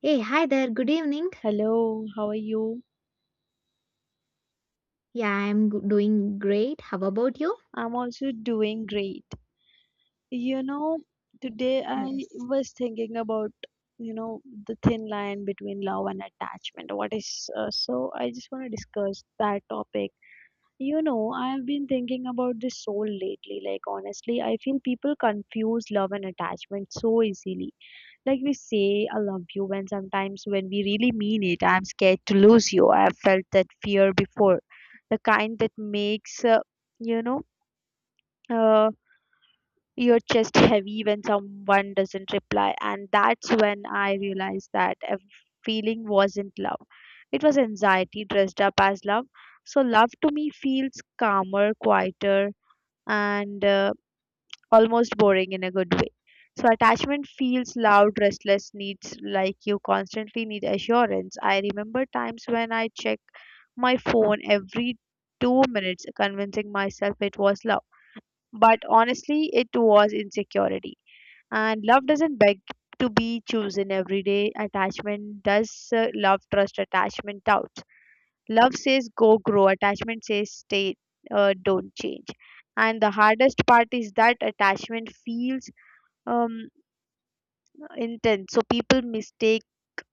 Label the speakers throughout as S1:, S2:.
S1: Hey, hi there. Good evening.
S2: Hello, how are you?
S1: Doing great. How about you?
S2: I'm also doing great. You know, today I
S1: Yes.
S2: was thinking about, you know, the thin line between love and attachment. What is so I just want to discuss that topic. You know, I've been thinking about this so lately. Like honestly, I feel people confuse love and attachment so easily. Like we say, I love you, when sometimes when we really mean it, I'm scared to lose you. I've felt that fear before. The kind that makes, you know, uh, your chest heavy when someone doesn't reply. And that's when I realized that a feeling wasn't love. It was anxiety dressed up as love. So love to me feels calmer, quieter, and almost boring in a good way. So attachment feels loud, restless, needs like you constantly need assurance. I remember times when I check my phone every 2 minutes, convincing myself it was love. But honestly, it was insecurity. And love doesn't beg to be chosen every day. Attachment does love, trust, attachment, doubts. Love says go grow, attachment says stay, don't change. And the hardest part is that attachment feels um intense, so people mistake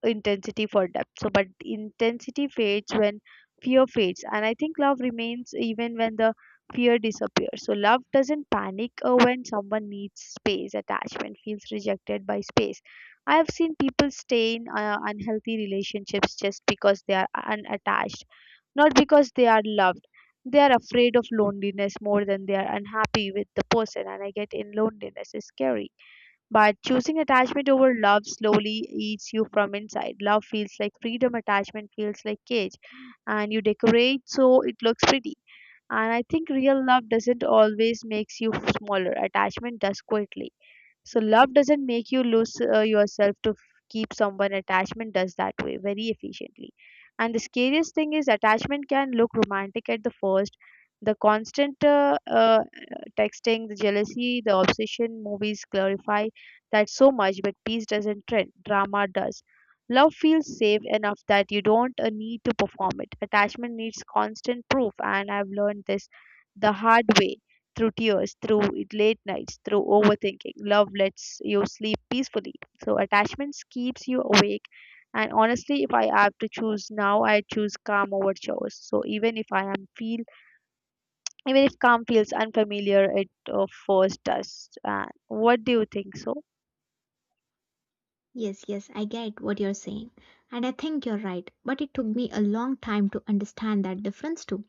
S2: intensity for depth. So but intensity fades when fear fades, and I think love remains even when the fear disappears. So love doesn't panic when someone needs space. Attachment feels rejected by space. I have seen people stay in unhealthy relationships just because they are unattached, not because they are loved. They are afraid of loneliness more than they are unhappy with the person, and I get in loneliness is scary, but choosing attachment over love slowly eats you from inside. Love feels like freedom, attachment feels like cage. And you decorate so it looks pretty. And I think real love doesn't always makes you smaller. Attachment does quietly. So love doesn't make you lose yourself to keep someone. Attachment does that way very efficiently. And the scariest thing is attachment can look romantic at the first. The constant texting, the jealousy, the obsession. Movies glorify that so much, but peace doesn't trend. Drama does. Love feels safe enough that you don't need to perform it. Attachment needs constant proof, and I've learned this the hard way through tears, late nights, through overthinking. Love lets you sleep peacefully. So, attachments keeps you awake. And honestly, if I have to choose now, I choose calm over chores. So even if calm feels unfamiliar, it first does. What do you think? So
S1: Yes, yes, I get what you're saying. And I think you're right. But it took me a long time to understand that difference too.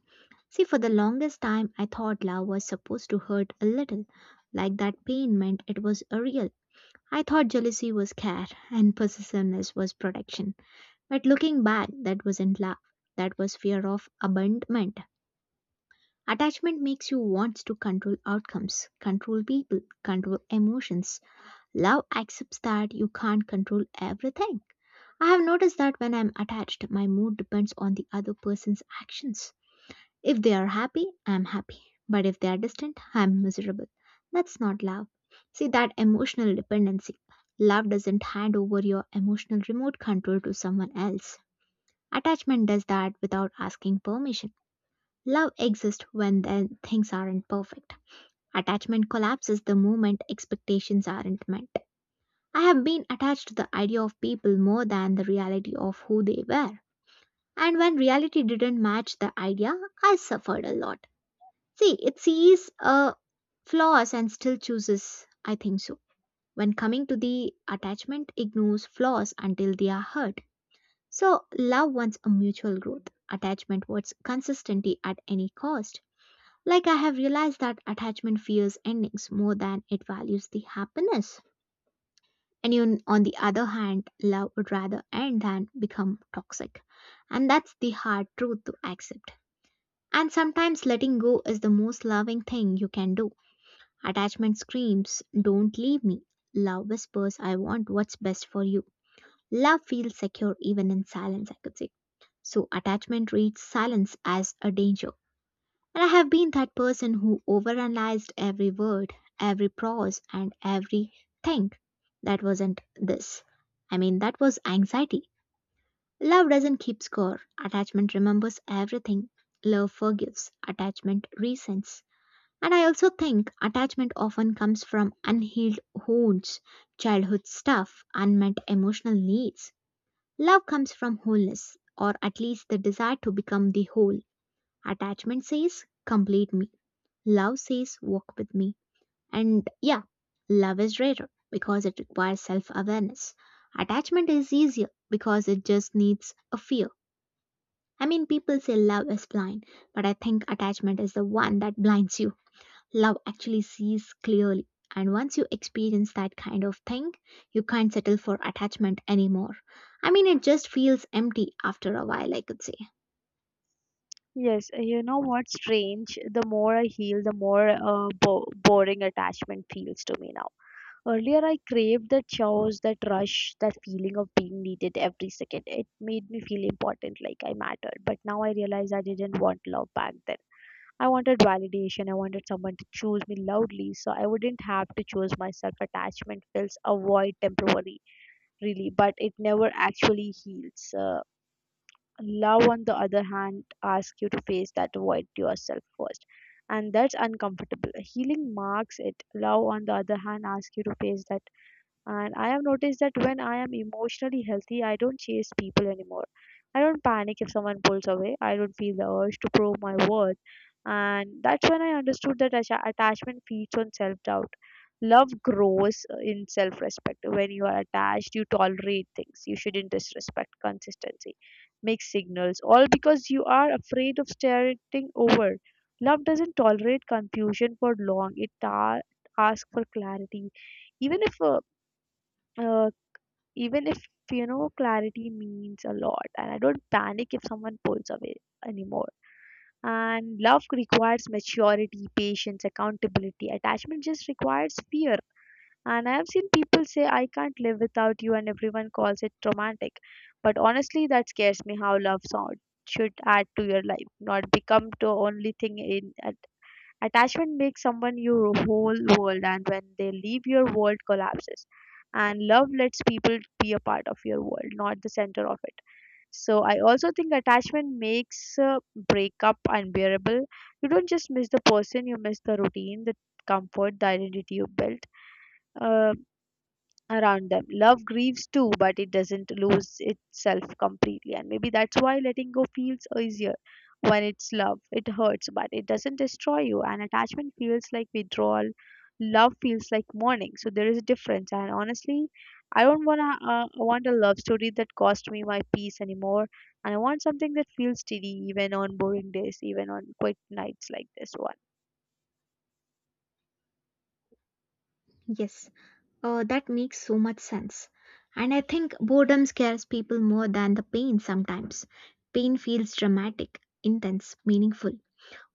S1: See, for the longest time, I thought love was supposed to hurt a little. Like that pain meant it was a real. I thought jealousy was care and possessiveness was protection. But looking back, that wasn't love. That was fear of abandonment. Attachment makes you want to control outcomes, control people, control emotions. Love accepts that you can't control everything. I have noticed that when I'm attached, my mood depends on the other person's actions. If they are happy, I'm happy. But if they are distant, I'm miserable. That's not love. See that emotional dependency. Love doesn't hand over your emotional remote control to someone else. Attachment does that without asking permission. Love exists when the things aren't perfect. Attachment collapses the moment expectations aren't met. I have been attached to the idea of people more than the reality of who they were. And when reality didn't match the idea, I suffered a lot. See, it sees flaws and still chooses, I think so. When coming to the attachment, ignores flaws until they are hurt. So, love wants a mutual growth. Attachment wants consistency at any cost. Like I have realized that attachment fears endings more than it values the happiness. And you, on the other hand, love would rather end than become toxic. And that's the hard truth to accept. And sometimes letting go is the most loving thing you can do. Attachment screams, don't leave me. Love whispers, I want what's best for you. Love feels secure even in silence, I could say. So, attachment reads silence as a danger. And I have been that person who overanalyzed every word, every pause, and everything. That wasn't this. I mean, that was anxiety. Love doesn't keep score. Attachment remembers everything. Love forgives. Attachment resents. And I also think attachment often comes from unhealed wounds, childhood stuff, unmet emotional needs. Love comes from wholeness, or at least the desire to become the whole. Attachment says, complete me. Love says, walk with me. And yeah, love is rarer because it requires self awareness. Attachment is easier because it just needs a fear. I mean, people say love is blind, but I think attachment is the one that blinds you. Love actually sees clearly. And once you experience that kind of thing, you can't settle for attachment anymore. I mean, it just feels empty after a while, I could say.
S2: yes, you know what's strange? The more I heal, the more boring attachment feels to me now. Earlier, I craved that chaos, that rush, that feeling of being needed every second. It made me feel important, like I mattered. But now I realize I didn't want love back then. I wanted validation. I wanted someone to choose me loudly, so I wouldn't have to choose myself. Attachment feels a void temporarily, really, but it never actually heals. Love, on the other hand, asks you to face that void yourself first, and that's uncomfortable. Healing marks it. Love, on the other hand, asks you to face that. And I have noticed that when I am emotionally healthy, I don't chase people anymore. I don't panic if someone pulls away. I don't feel the urge to prove my worth. And that's when I understood that attachment feeds on self doubt. Love grows in self respect. When you are attached, you tolerate things. You shouldn't disrespect consistency, mixed signals, all because you are afraid of starting over. Love doesn't tolerate confusion for long, it asks for clarity even if uh, uh, even if you know clarity means a lot. And I don't panic if someone pulls away anymore. And love requires maturity, patience, accountability. Attachment just requires fear. And I have seen people say I can't live without you, and everyone calls it romantic, but honestly that scares me. How love sound should add to your life, not become the only thing in. Attachment makes someone your whole world, and when they leave, your world collapses. And love lets people be a part of your world, not the center of it. So I also think attachment makes breakup unbearable. You don't just miss the person, you miss the routine, the comfort, the identity you built Uh, around them. Love grieves too, but it doesn't lose itself completely. And maybe that's why letting go feels easier when it's love. It hurts, but it doesn't destroy you. And attachment feels like withdrawal. Love feels like mourning. So there is a difference. And honestly, I don't wanna want a love story that cost me my peace anymore. And I want something that feels steady even on boring days, even on quiet nights like this one.
S1: Yes. That makes so much sense. And I think boredom scares people more than the pain sometimes. Pain feels dramatic, intense, meaningful.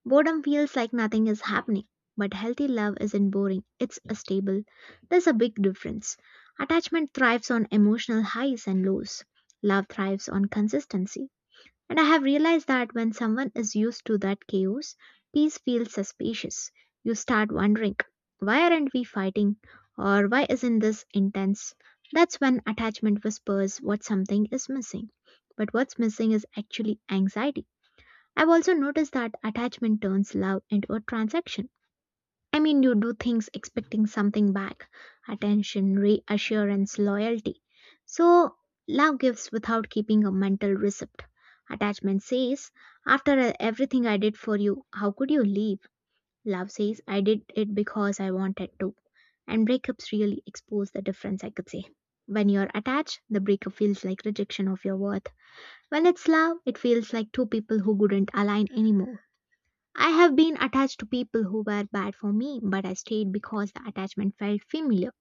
S1: Boredom feels like nothing is happening. But healthy love isn't boring, it's a stable. There's a big difference. Attachment thrives on emotional highs and lows, love thrives on consistency. And I have realized that when someone is used to that chaos, peace feels suspicious. You start wondering, why aren't we fighting? Or why isn't this intense? That's when attachment whispers what something is missing. But what's missing is actually anxiety. I've also noticed that attachment turns love into a transaction. I mean, you do things expecting something back, attention, reassurance, loyalty. So, love gives without keeping a mental receipt. Attachment says, after everything I did for you, how could you leave? Love says, I did it because I wanted to. And breakups really expose the difference, I could say. When you're attached, the breakup feels like rejection of your worth. When it's love, it feels like two people who couldn't align anymore. I have been attached to people who were bad for me, but I stayed because the attachment felt familiar.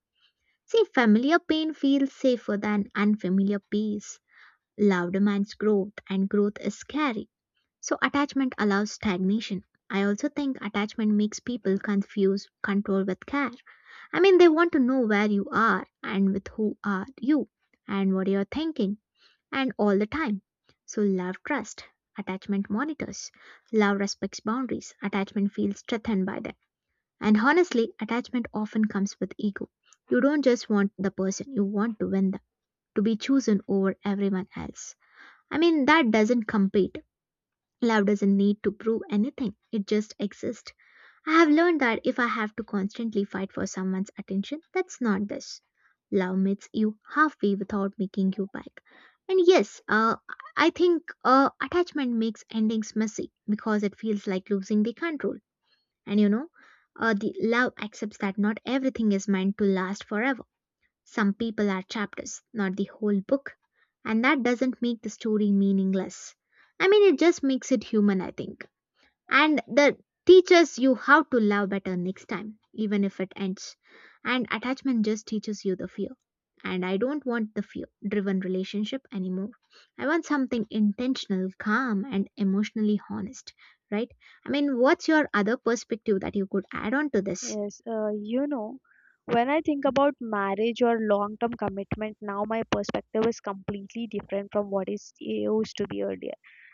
S1: See, familiar pain feels safer than unfamiliar peace. Love demands growth, and growth is scary. So, attachment allows stagnation. I also think attachment makes people confuse control with care. I mean, they want to know where you are and with who are you and what you're thinking and all the time. So love trust, attachment monitors, love respects boundaries, attachment feels strengthened by them. And honestly, attachment often comes with ego. You don't just want the person, you want to win them, to be chosen over everyone else. I mean, that doesn't compete. Love doesn't need to prove anything, it just exists. I have learned that if I have to constantly fight for someone's attention, that's not this. Love meets you halfway without making you beg. And yes, I think attachment makes endings messy because it feels like losing the control. And you know, the love accepts that not everything is meant to last forever. Some people are chapters, not the whole book. And that doesn't make the story meaningless. I mean, it just makes it human, I think, and that teaches you how to love better next time even if it ends. And attachment just teaches you the fear, and I don't want the fear driven relationship anymore. I want something intentional, calm, and emotionally honest, right? I mean, what's your other perspective that you could add on to this?
S2: Yes, you know, when I think about marriage or long term commitment, now my perspective is completely different from what is it used to be earlier.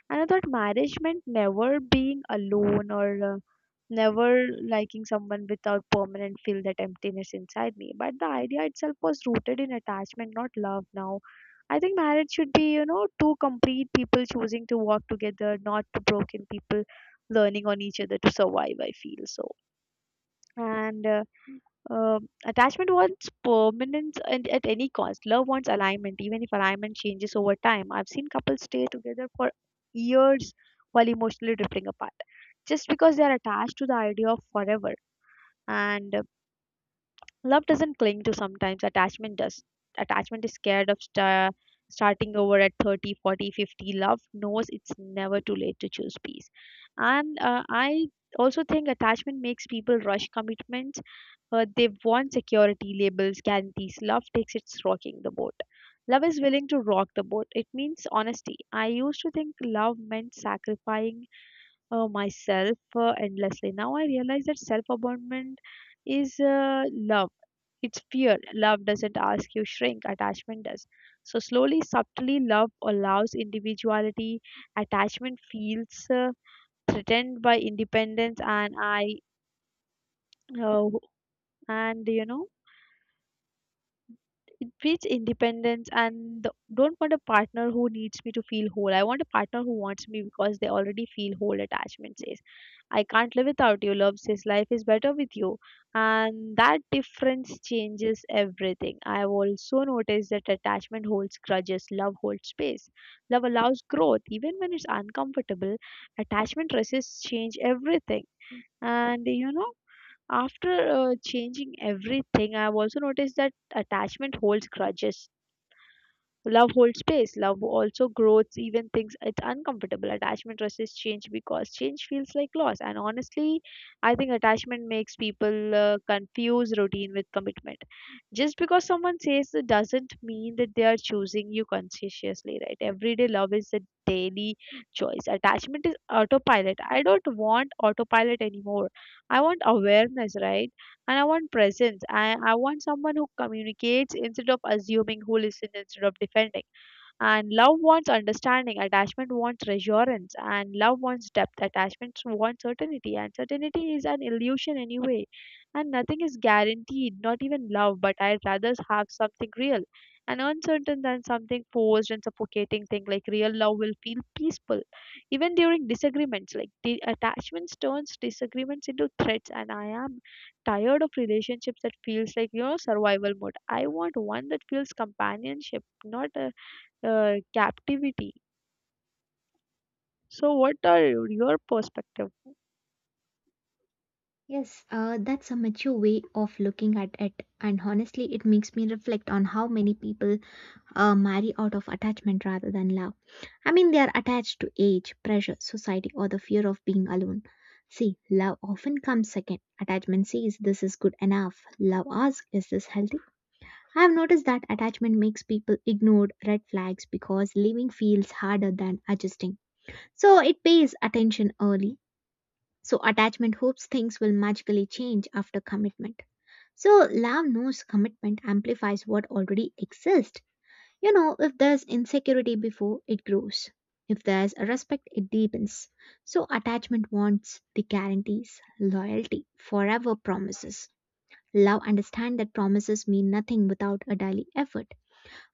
S2: And I thought marriage meant never being alone or never liking someone without permanent feel that emptiness inside me. But the idea itself was rooted in attachment, not love now. I think marriage should be, you know, two complete people choosing to walk together, not two broken people learning on each other to survive, I feel so. And uh, uh, attachment wants permanence and at any cost. Love wants alignment, even if alignment changes over time. I've seen couples stay together for years while emotionally drifting apart, just because they are attached to the idea of forever. And love doesn't cling to sometimes attachment does. Attachment is scared of starting over at 30, 40, 50. Love knows it's never too late to choose peace. And I also think attachment makes people rush commitments. They want security, labels, guarantees. Love takes its rocking the boat. Love is willing to rock the boat. It means honesty. I used to think love meant sacrificing myself endlessly. Now I realize that self abandonment is love. It's fear. Love doesn't ask you shrink, attachment does. So, slowly, subtly, love allows individuality. Attachment feels threatened by independence, uh, and it breeds independence and don't want a partner who needs me to feel whole. I want a partner who wants me because they already feel whole. Attachment says I can't live without you, love says life is better with you, and that difference changes everything. I've also noticed that attachment holds grudges, love holds space. Love allows growth even when it's uncomfortable. Attachment resists change everything. And you know after changing everything, I've also noticed that attachment holds grudges. Love holds space. Love also grows even things it's uncomfortable. Attachment resists change because change feels like loss. And honestly, I think attachment makes people confuse routine with commitment. Just because someone says it doesn't mean that they are choosing you consciously, right? Everyday love is a daily choice. Attachment is autopilot. I don't want autopilot anymore. I want awareness, right? And I want presence. I want someone who communicates instead of assuming, who listens instead of defending. And love wants understanding, attachment wants reassurance, and love wants depth, attachment wants certainty, and certainty is an illusion anyway. And nothing is guaranteed, not even love, but I'd rather have something real and uncertain than something forced and suffocating thing. Like real love will feel peaceful even during disagreements. Like the attachments turns disagreements into threats, and I am tired of relationships that feels like, you know, survival mode. I want one that feels companionship, not a, captivity. So what are your perspective?
S1: Yes, that's a mature way of looking at it, and honestly, it makes me reflect on how many people marry out of attachment rather than love. I mean, they are attached to age, pressure, society, or the fear of being alone. See, love often comes second. Attachment says this is good enough. Love asks, is this healthy? I have noticed that attachment makes people ignore red flags because leaving feels harder than adjusting. So it pays attention early. So attachment hopes things will magically change after commitment. So love knows commitment amplifies what already exists. You know, if there's insecurity before, it grows. If there's a respect, it deepens. So, attachment wants the guarantees, loyalty, forever promises. Love understand that promises mean nothing without a daily effort.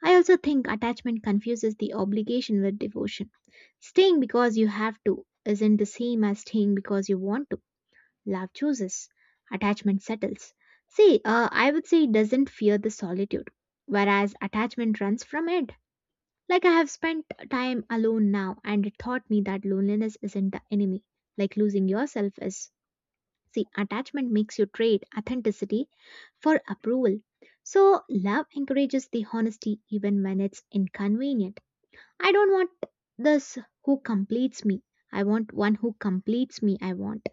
S1: I also think attachment confuses the obligation with devotion. Staying because you have to isn't the same as staying because you want to. Love chooses, attachment settles. See, I would say it doesn't fear the solitude, whereas attachment runs from it. Like I have spent time alone now and it taught me that loneliness isn't the enemy, like losing yourself is. See, attachment makes you trade authenticity for approval. So, love encourages the honesty even when it's inconvenient. I don't want this who completes me. I want one who completes me. I want.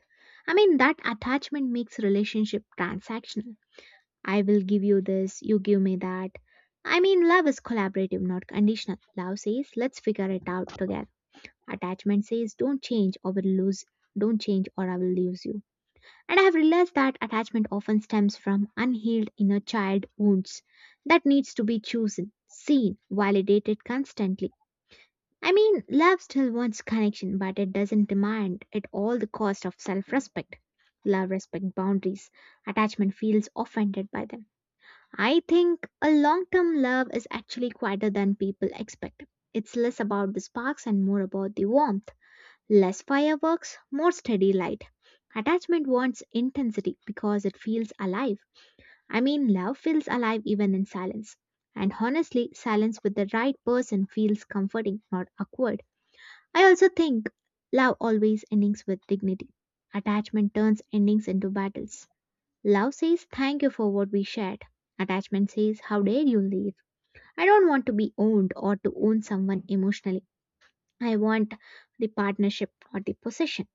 S1: I mean, that attachment makes relationship transactional. I will give you this, you give me that. I mean, love is collaborative, not conditional. Love says, let's figure it out together. Attachment says, don't change or will lose, don't change or I will lose you. And I have realized that attachment often stems from unhealed inner child wounds that needs to be chosen, seen, validated constantly. I mean, love still wants connection, but it doesn't demand at all the cost of self-respect. Love respects boundaries. Attachment feels offended by them. I think a long term love is actually quieter than people expect. It's less about the sparks and more about the warmth. Less fireworks, more steady light. Attachment wants intensity because it feels alive. I mean, love feels alive even in silence. And honestly, silence with the right person feels comforting, not awkward. I also think love always endings with dignity. Attachment turns endings into battles. Love says thank you for what we shared. Attachment says how dare you leave. I don't want to be owned or to own someone emotionally. I want the partnership, not the possession.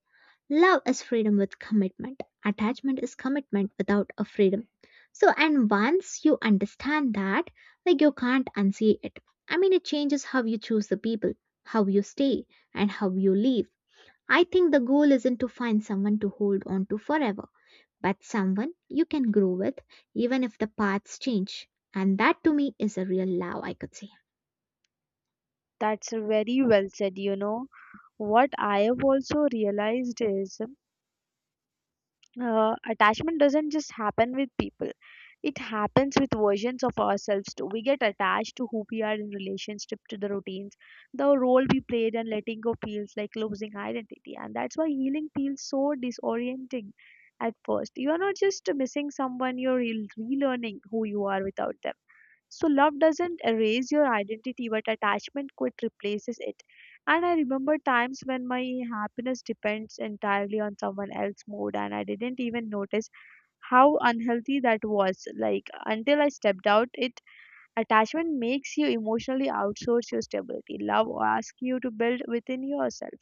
S1: Love is freedom with commitment. Attachment is commitment without a freedom. So, and once you understand that, like you can't unsee it. I mean, it changes how you choose the people, how you stay, and how you leave. I think the goal isn't to find someone to hold on to forever but someone you can grow with even if the paths change. And that to me is a real love, I could say.
S2: That's very well said, you know. What I have also realized is attachment doesn't just happen with people, it happens with versions of ourselves too. We get attached to who we are in relationship to the routines, the role we played, and letting go feels like losing identity. And that's why healing feels so disorienting. At first you are not just missing someone, you're relearning who you are without them. So love doesn't erase your identity, but attachment quite replaces it. And I remember times when my happiness depends entirely on someone else's mood, and I didn't even notice how unhealthy that was. Like until I stepped out, it attachment makes you emotionally outsource your stability. Love asks you to build within yourself.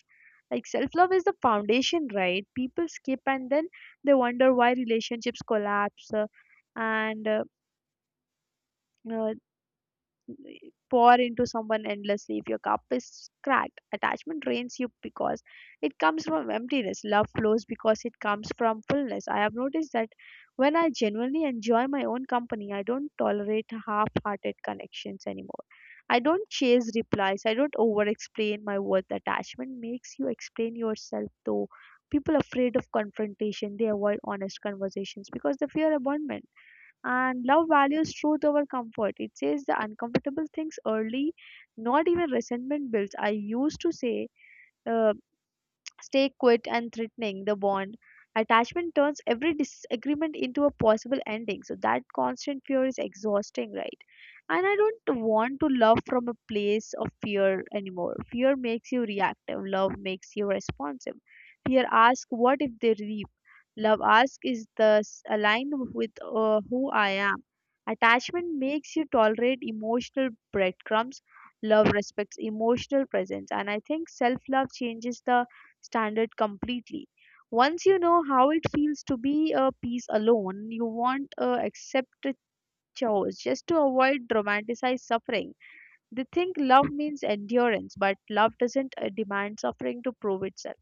S2: Like self love is the foundation, right? People skip and then they wonder why relationships collapse, and uh, pour into someone endlessly. If your cup is cracked, attachment drains you because it comes from emptiness. Love flows because it comes from fullness. I have noticed that when I genuinely enjoy my own company, I don't tolerate half hearted connections anymore. I don't chase replies. I don't over explain my worth. Attachment makes you explain yourself though. People afraid of confrontation, they avoid honest conversations because they fear abandonment, and love values truth over comfort. It says the uncomfortable things early, not even resentment builds. I used to say, uh, Stay quit and threatening the bond. Attachment turns every disagreement into a possible ending. So that constant fear is exhausting, right? And I don't want to love from a place of fear anymore. Fear makes you reactive, love makes you responsive. Fear asks, what if they leave? Love asks, is this aligned with who I am? Attachment makes you tolerate emotional breadcrumbs, love respects emotional presence, and I think self love changes the standard completely. Once you know how it feels to be a piece alone, you won't accept a choice just to avoid dramatized suffering. They think love means endurance, but love doesn't demand suffering to prove itself.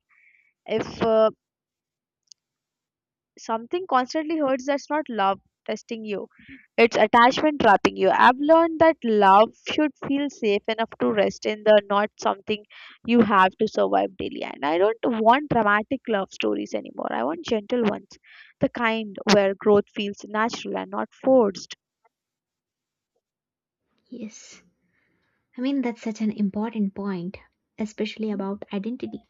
S2: If something constantly hurts, that's not love testing you. It's attachment trapping you. I've learned that love should feel safe enough to rest in, the not something you have to survive daily. And I don't want dramatic love stories anymore. I want gentle ones. The kind where growth feels natural and not forced.
S1: Yes. I mean, that's such an important point, especially about identity.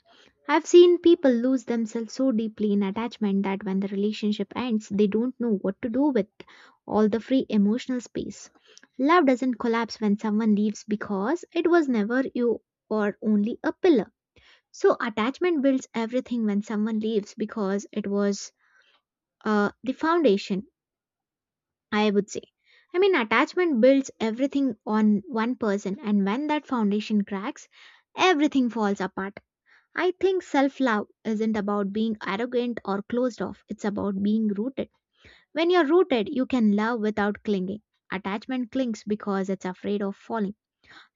S1: I've seen people lose themselves so deeply in attachment that when the relationship ends, they don't know what to do with all the free emotional space. Love doesn't collapse when someone leaves because it was never you or only a pillar. So, attachment builds everything when someone leaves because it was the foundation, I would say. I mean, attachment builds everything on one person, and when that foundation cracks, everything falls apart. I think self love isn't about being arrogant or closed off, it's about being rooted. When you're rooted, you can love without clinging. Attachment clings because it's afraid of falling.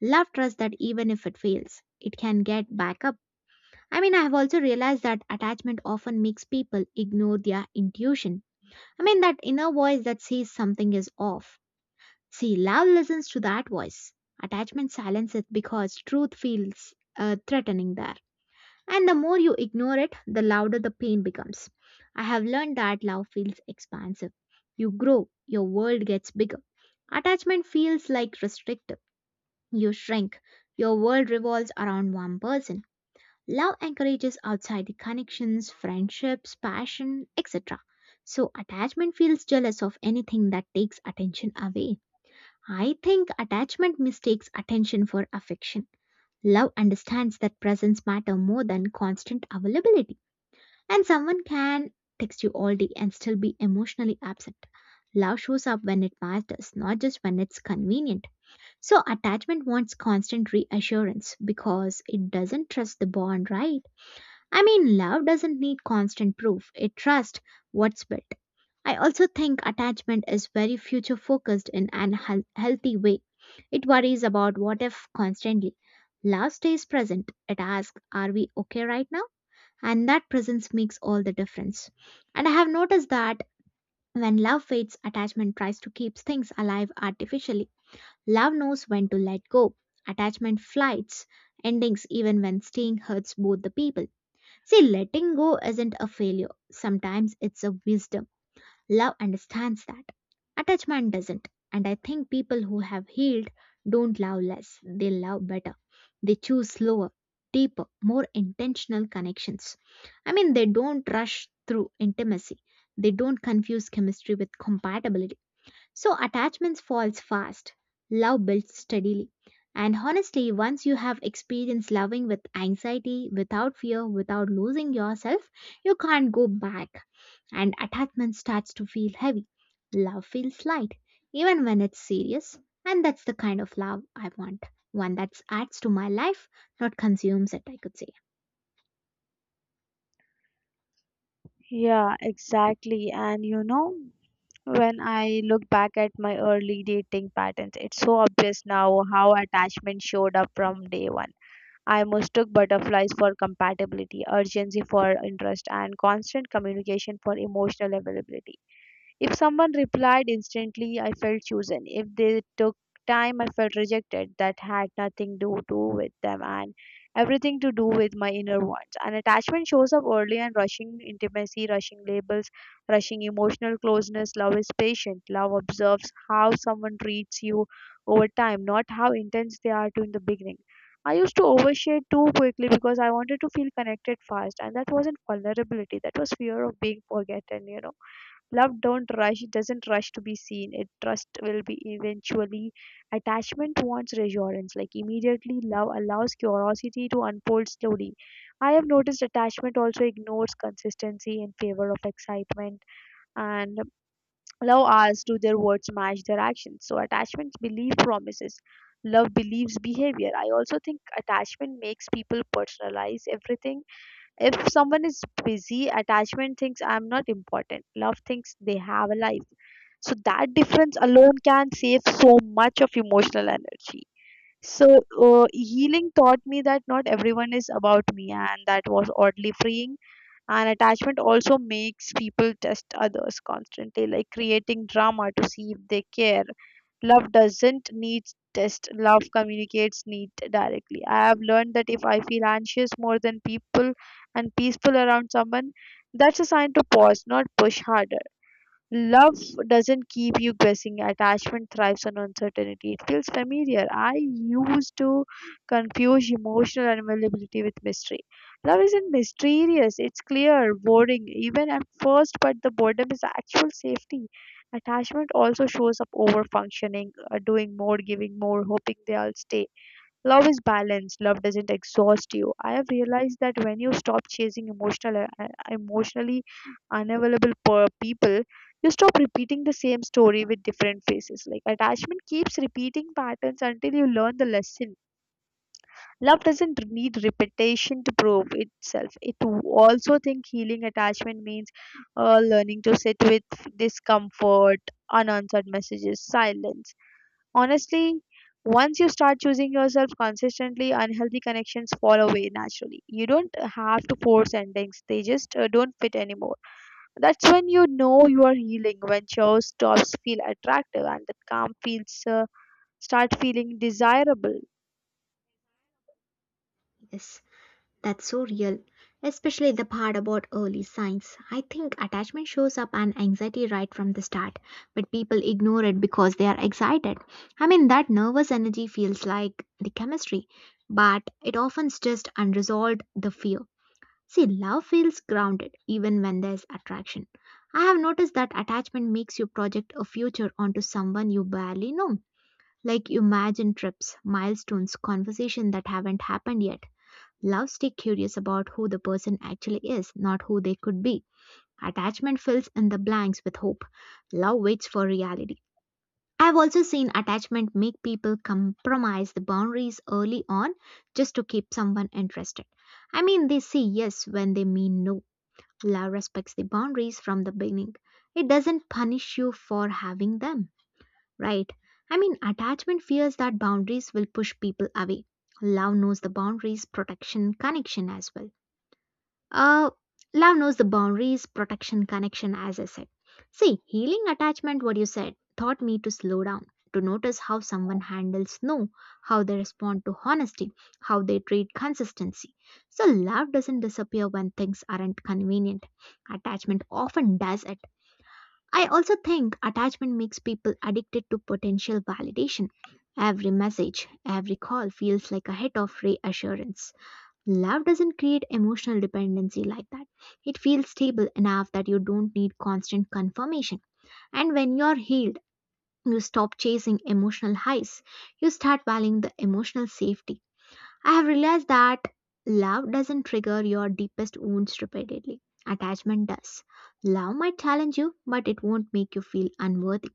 S1: Love trusts that even if it fails, it can get back up. I mean, I have also realized that attachment often makes people ignore their intuition. I mean, that inner voice that says something is off. See, love listens to that voice. Attachment silences it because truth feels threatening there. And the more you ignore it, the louder the pain becomes. I have learned that love feels expansive. You grow, your world gets bigger. Attachment feels like restrictive. You shrink. Your world revolves around one person. Love encourages outside the connections, friendships, passion, etc. So attachment feels jealous of anything that takes attention away. I think attachment mistakes attention for affection. Love understands that presence matters more than constant availability. And someone can text you all day and still be emotionally absent. Love shows up when it matters, not just when it's convenient. So attachment wants constant reassurance because it doesn't trust the bond, right? I mean, love doesn't need constant proof, it trusts what's built. I also think attachment is very future focused in an healthy way. It worries about what if constantly. Love stays present. It asks, are we okay right now? And that presence makes all the difference. And I have noticed that when love fades, attachment tries to keep things alive artificially. Love knows when to let go. Attachment flights endings even when staying hurts both the people. See, letting go isn't a failure. Sometimes it's a wisdom. Love understands that. Attachment doesn't. And I think people who have healed don't love less, they love better. They choose slower, deeper, more intentional connections. I mean, they don't rush through intimacy, they don't confuse chemistry with compatibility, so attachments falls fast. Love builds steadily. And honestly, once you have experienced loving with anxiety, without fear, without losing yourself, you can't go back. And attachment starts to feel heavy. Love feels light, even when it's serious. And that's the kind of love I want. One that adds to my life, not consumes it, I could say.
S2: Yeah, exactly. And you know, when I look back at my early dating patterns, it's so obvious now how attachment showed up from day one. I mistook butterflies for compatibility, urgency for interest, and constant communication for emotional availability. If someone replied instantly, I felt chosen. If they took time, I felt rejected. That had nothing to do with them and everything to do with my inner wants. An attachment shows up early and rushing intimacy, rushing labels, rushing emotional closeness. Love is patient. Love observes how someone treats you over time, not how intense they are to in the beginning. I used to overshare too quickly because I wanted to feel connected fast, and that wasn't vulnerability, that was fear of being forgotten. Love don't rush. It doesn't rush to be seen. It trust will be eventually. Attachment wants reassurance, like immediately. Love allows curiosity to unfold slowly. I have noticed attachment also ignores consistency in favor of excitement, and love asks, do their words match their actions? So attachments believe promises. Love believes behavior. I also think attachment makes people personalize everything. If someone is busy, attachment thinks I'm not important. Love thinks they have a life. So that difference alone can save so much of emotional energy. So healing taught me that not everyone is about me, and that was oddly freeing. And attachment also makes people test others constantly, like creating drama to see if they care. Love doesn't need test, love communicates need directly. I have learned that if I feel anxious more than people and peaceful around someone, that's a sign to pause, not push harder. Love doesn't keep you guessing. Attachment thrives on uncertainty. It feels familiar. I used to confuse emotional availability with mystery. Love isn't mysterious, it's clear, boring, even at first, but the boredom is actual safety. Attachment also shows up over functioning, doing more, giving more, hoping they'll stay. Love is balance. Love doesn't exhaust you. I have realized that when you stop chasing emotionally unavailable per people, you stop repeating the same story with different faces. Like attachment keeps repeating patterns until you learn the lesson. Love doesn't need repetition to prove itself. It also think healing attachment means learning to sit with discomfort, unanswered messages, silence. Honestly, once you start choosing yourself consistently, unhealthy connections fall away naturally. You don't have to force endings, they just don't fit anymore. That's when you know you are healing, when chores stops feel attractive and that calm feels start feeling desirable.
S1: Yes. That's so real, especially the part about early signs. I think attachment shows up and anxiety right from the start, but people ignore it because they are excited. I mean, that nervous energy feels like the chemistry, but it often's just unresolved the fear. See, love feels grounded even when there's attraction. I have noticed that attachment makes you project a future onto someone you barely know. Like you imagine trips, milestones, conversations that haven't happened yet. Love stay curious about who the person actually is, not who they could be. Attachment fills in the blanks with hope. Love waits for reality. I've also seen attachment make people compromise the boundaries early on just to keep someone interested. I mean, they say yes when they mean no. Love respects the boundaries from the beginning. It doesn't punish you for having them, right? I mean, attachment fears that boundaries will push people away. Love knows the boundaries, protection, connection as well. Uh, love knows the boundaries, protection, connection, as I said. See, healing attachment, what you said, taught me to slow down, to notice how someone handles no, how they respond to honesty, how they treat consistency. So, love doesn't disappear when things aren't convenient. Attachment often does it. I also think attachment makes people addicted to potential validation. Every message, every call feels like a hit of reassurance. Love doesn't create emotional dependency like that. It feels stable enough that you don't need constant confirmation. And when you're healed, you stop chasing emotional highs. You start valuing the emotional safety. I have realized that love doesn't trigger your deepest wounds repeatedly. Attachment does. Love might challenge you, but it won't make you feel unworthy.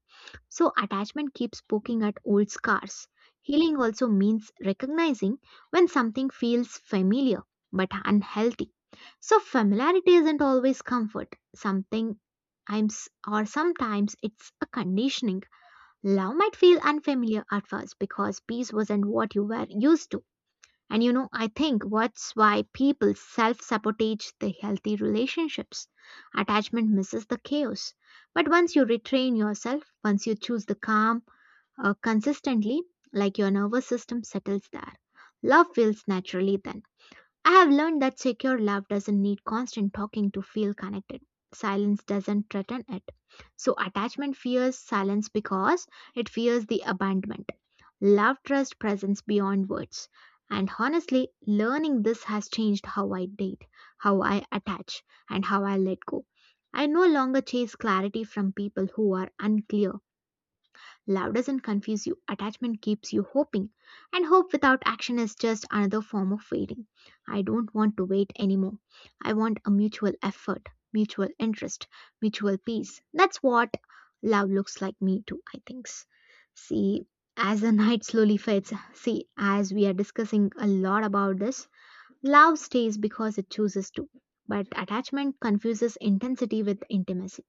S1: So, attachment keeps poking at old scars. Healing also means recognizing when something feels familiar but unhealthy. So, familiarity isn't always comfort. Something times or sometimes it's a conditioning. Love might feel unfamiliar at first because peace wasn't what you were used to. And you know, I think what's why people self sabotage the healthy relationships. Attachment misses the chaos. But once you retrain yourself, once you choose the calm consistently, like your nervous system settles there, love feels naturally then. I have learned that secure love doesn't need constant talking to feel connected. Silence doesn't threaten it. So, attachment fears silence because it fears the abandonment. Love trusts presence beyond words. And honestly, learning this has changed how I date, how I attach, and how I let go. I no longer chase clarity from people who are unclear. Love doesn't confuse you, attachment keeps you hoping, and hope without action is just another form of waiting. I don't want to wait anymore. I want a mutual effort, mutual interest, mutual peace. That's what love looks like me too, I think. See, as the night slowly fades, see, as we are discussing a lot about this, love stays because it chooses to. But attachment confuses intensity with intimacy.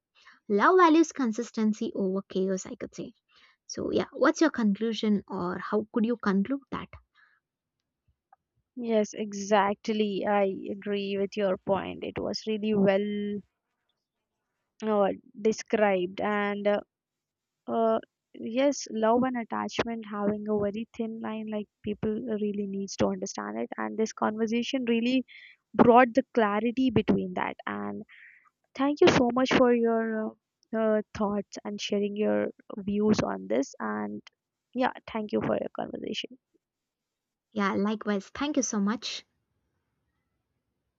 S1: Love values consistency over chaos, I could say. So, yeah, what's your conclusion or how could you conclude that?
S2: Yes, exactly. I agree with your point. It was really well uh, described. And uh, yes, love and attachment having a very thin line, like people really needs to understand it, and this conversation really brought the clarity between that. And thank you so much for your thoughts and sharing your views on this. And yeah, thank you for your conversation.
S1: Yeah, likewise. Thank you so much.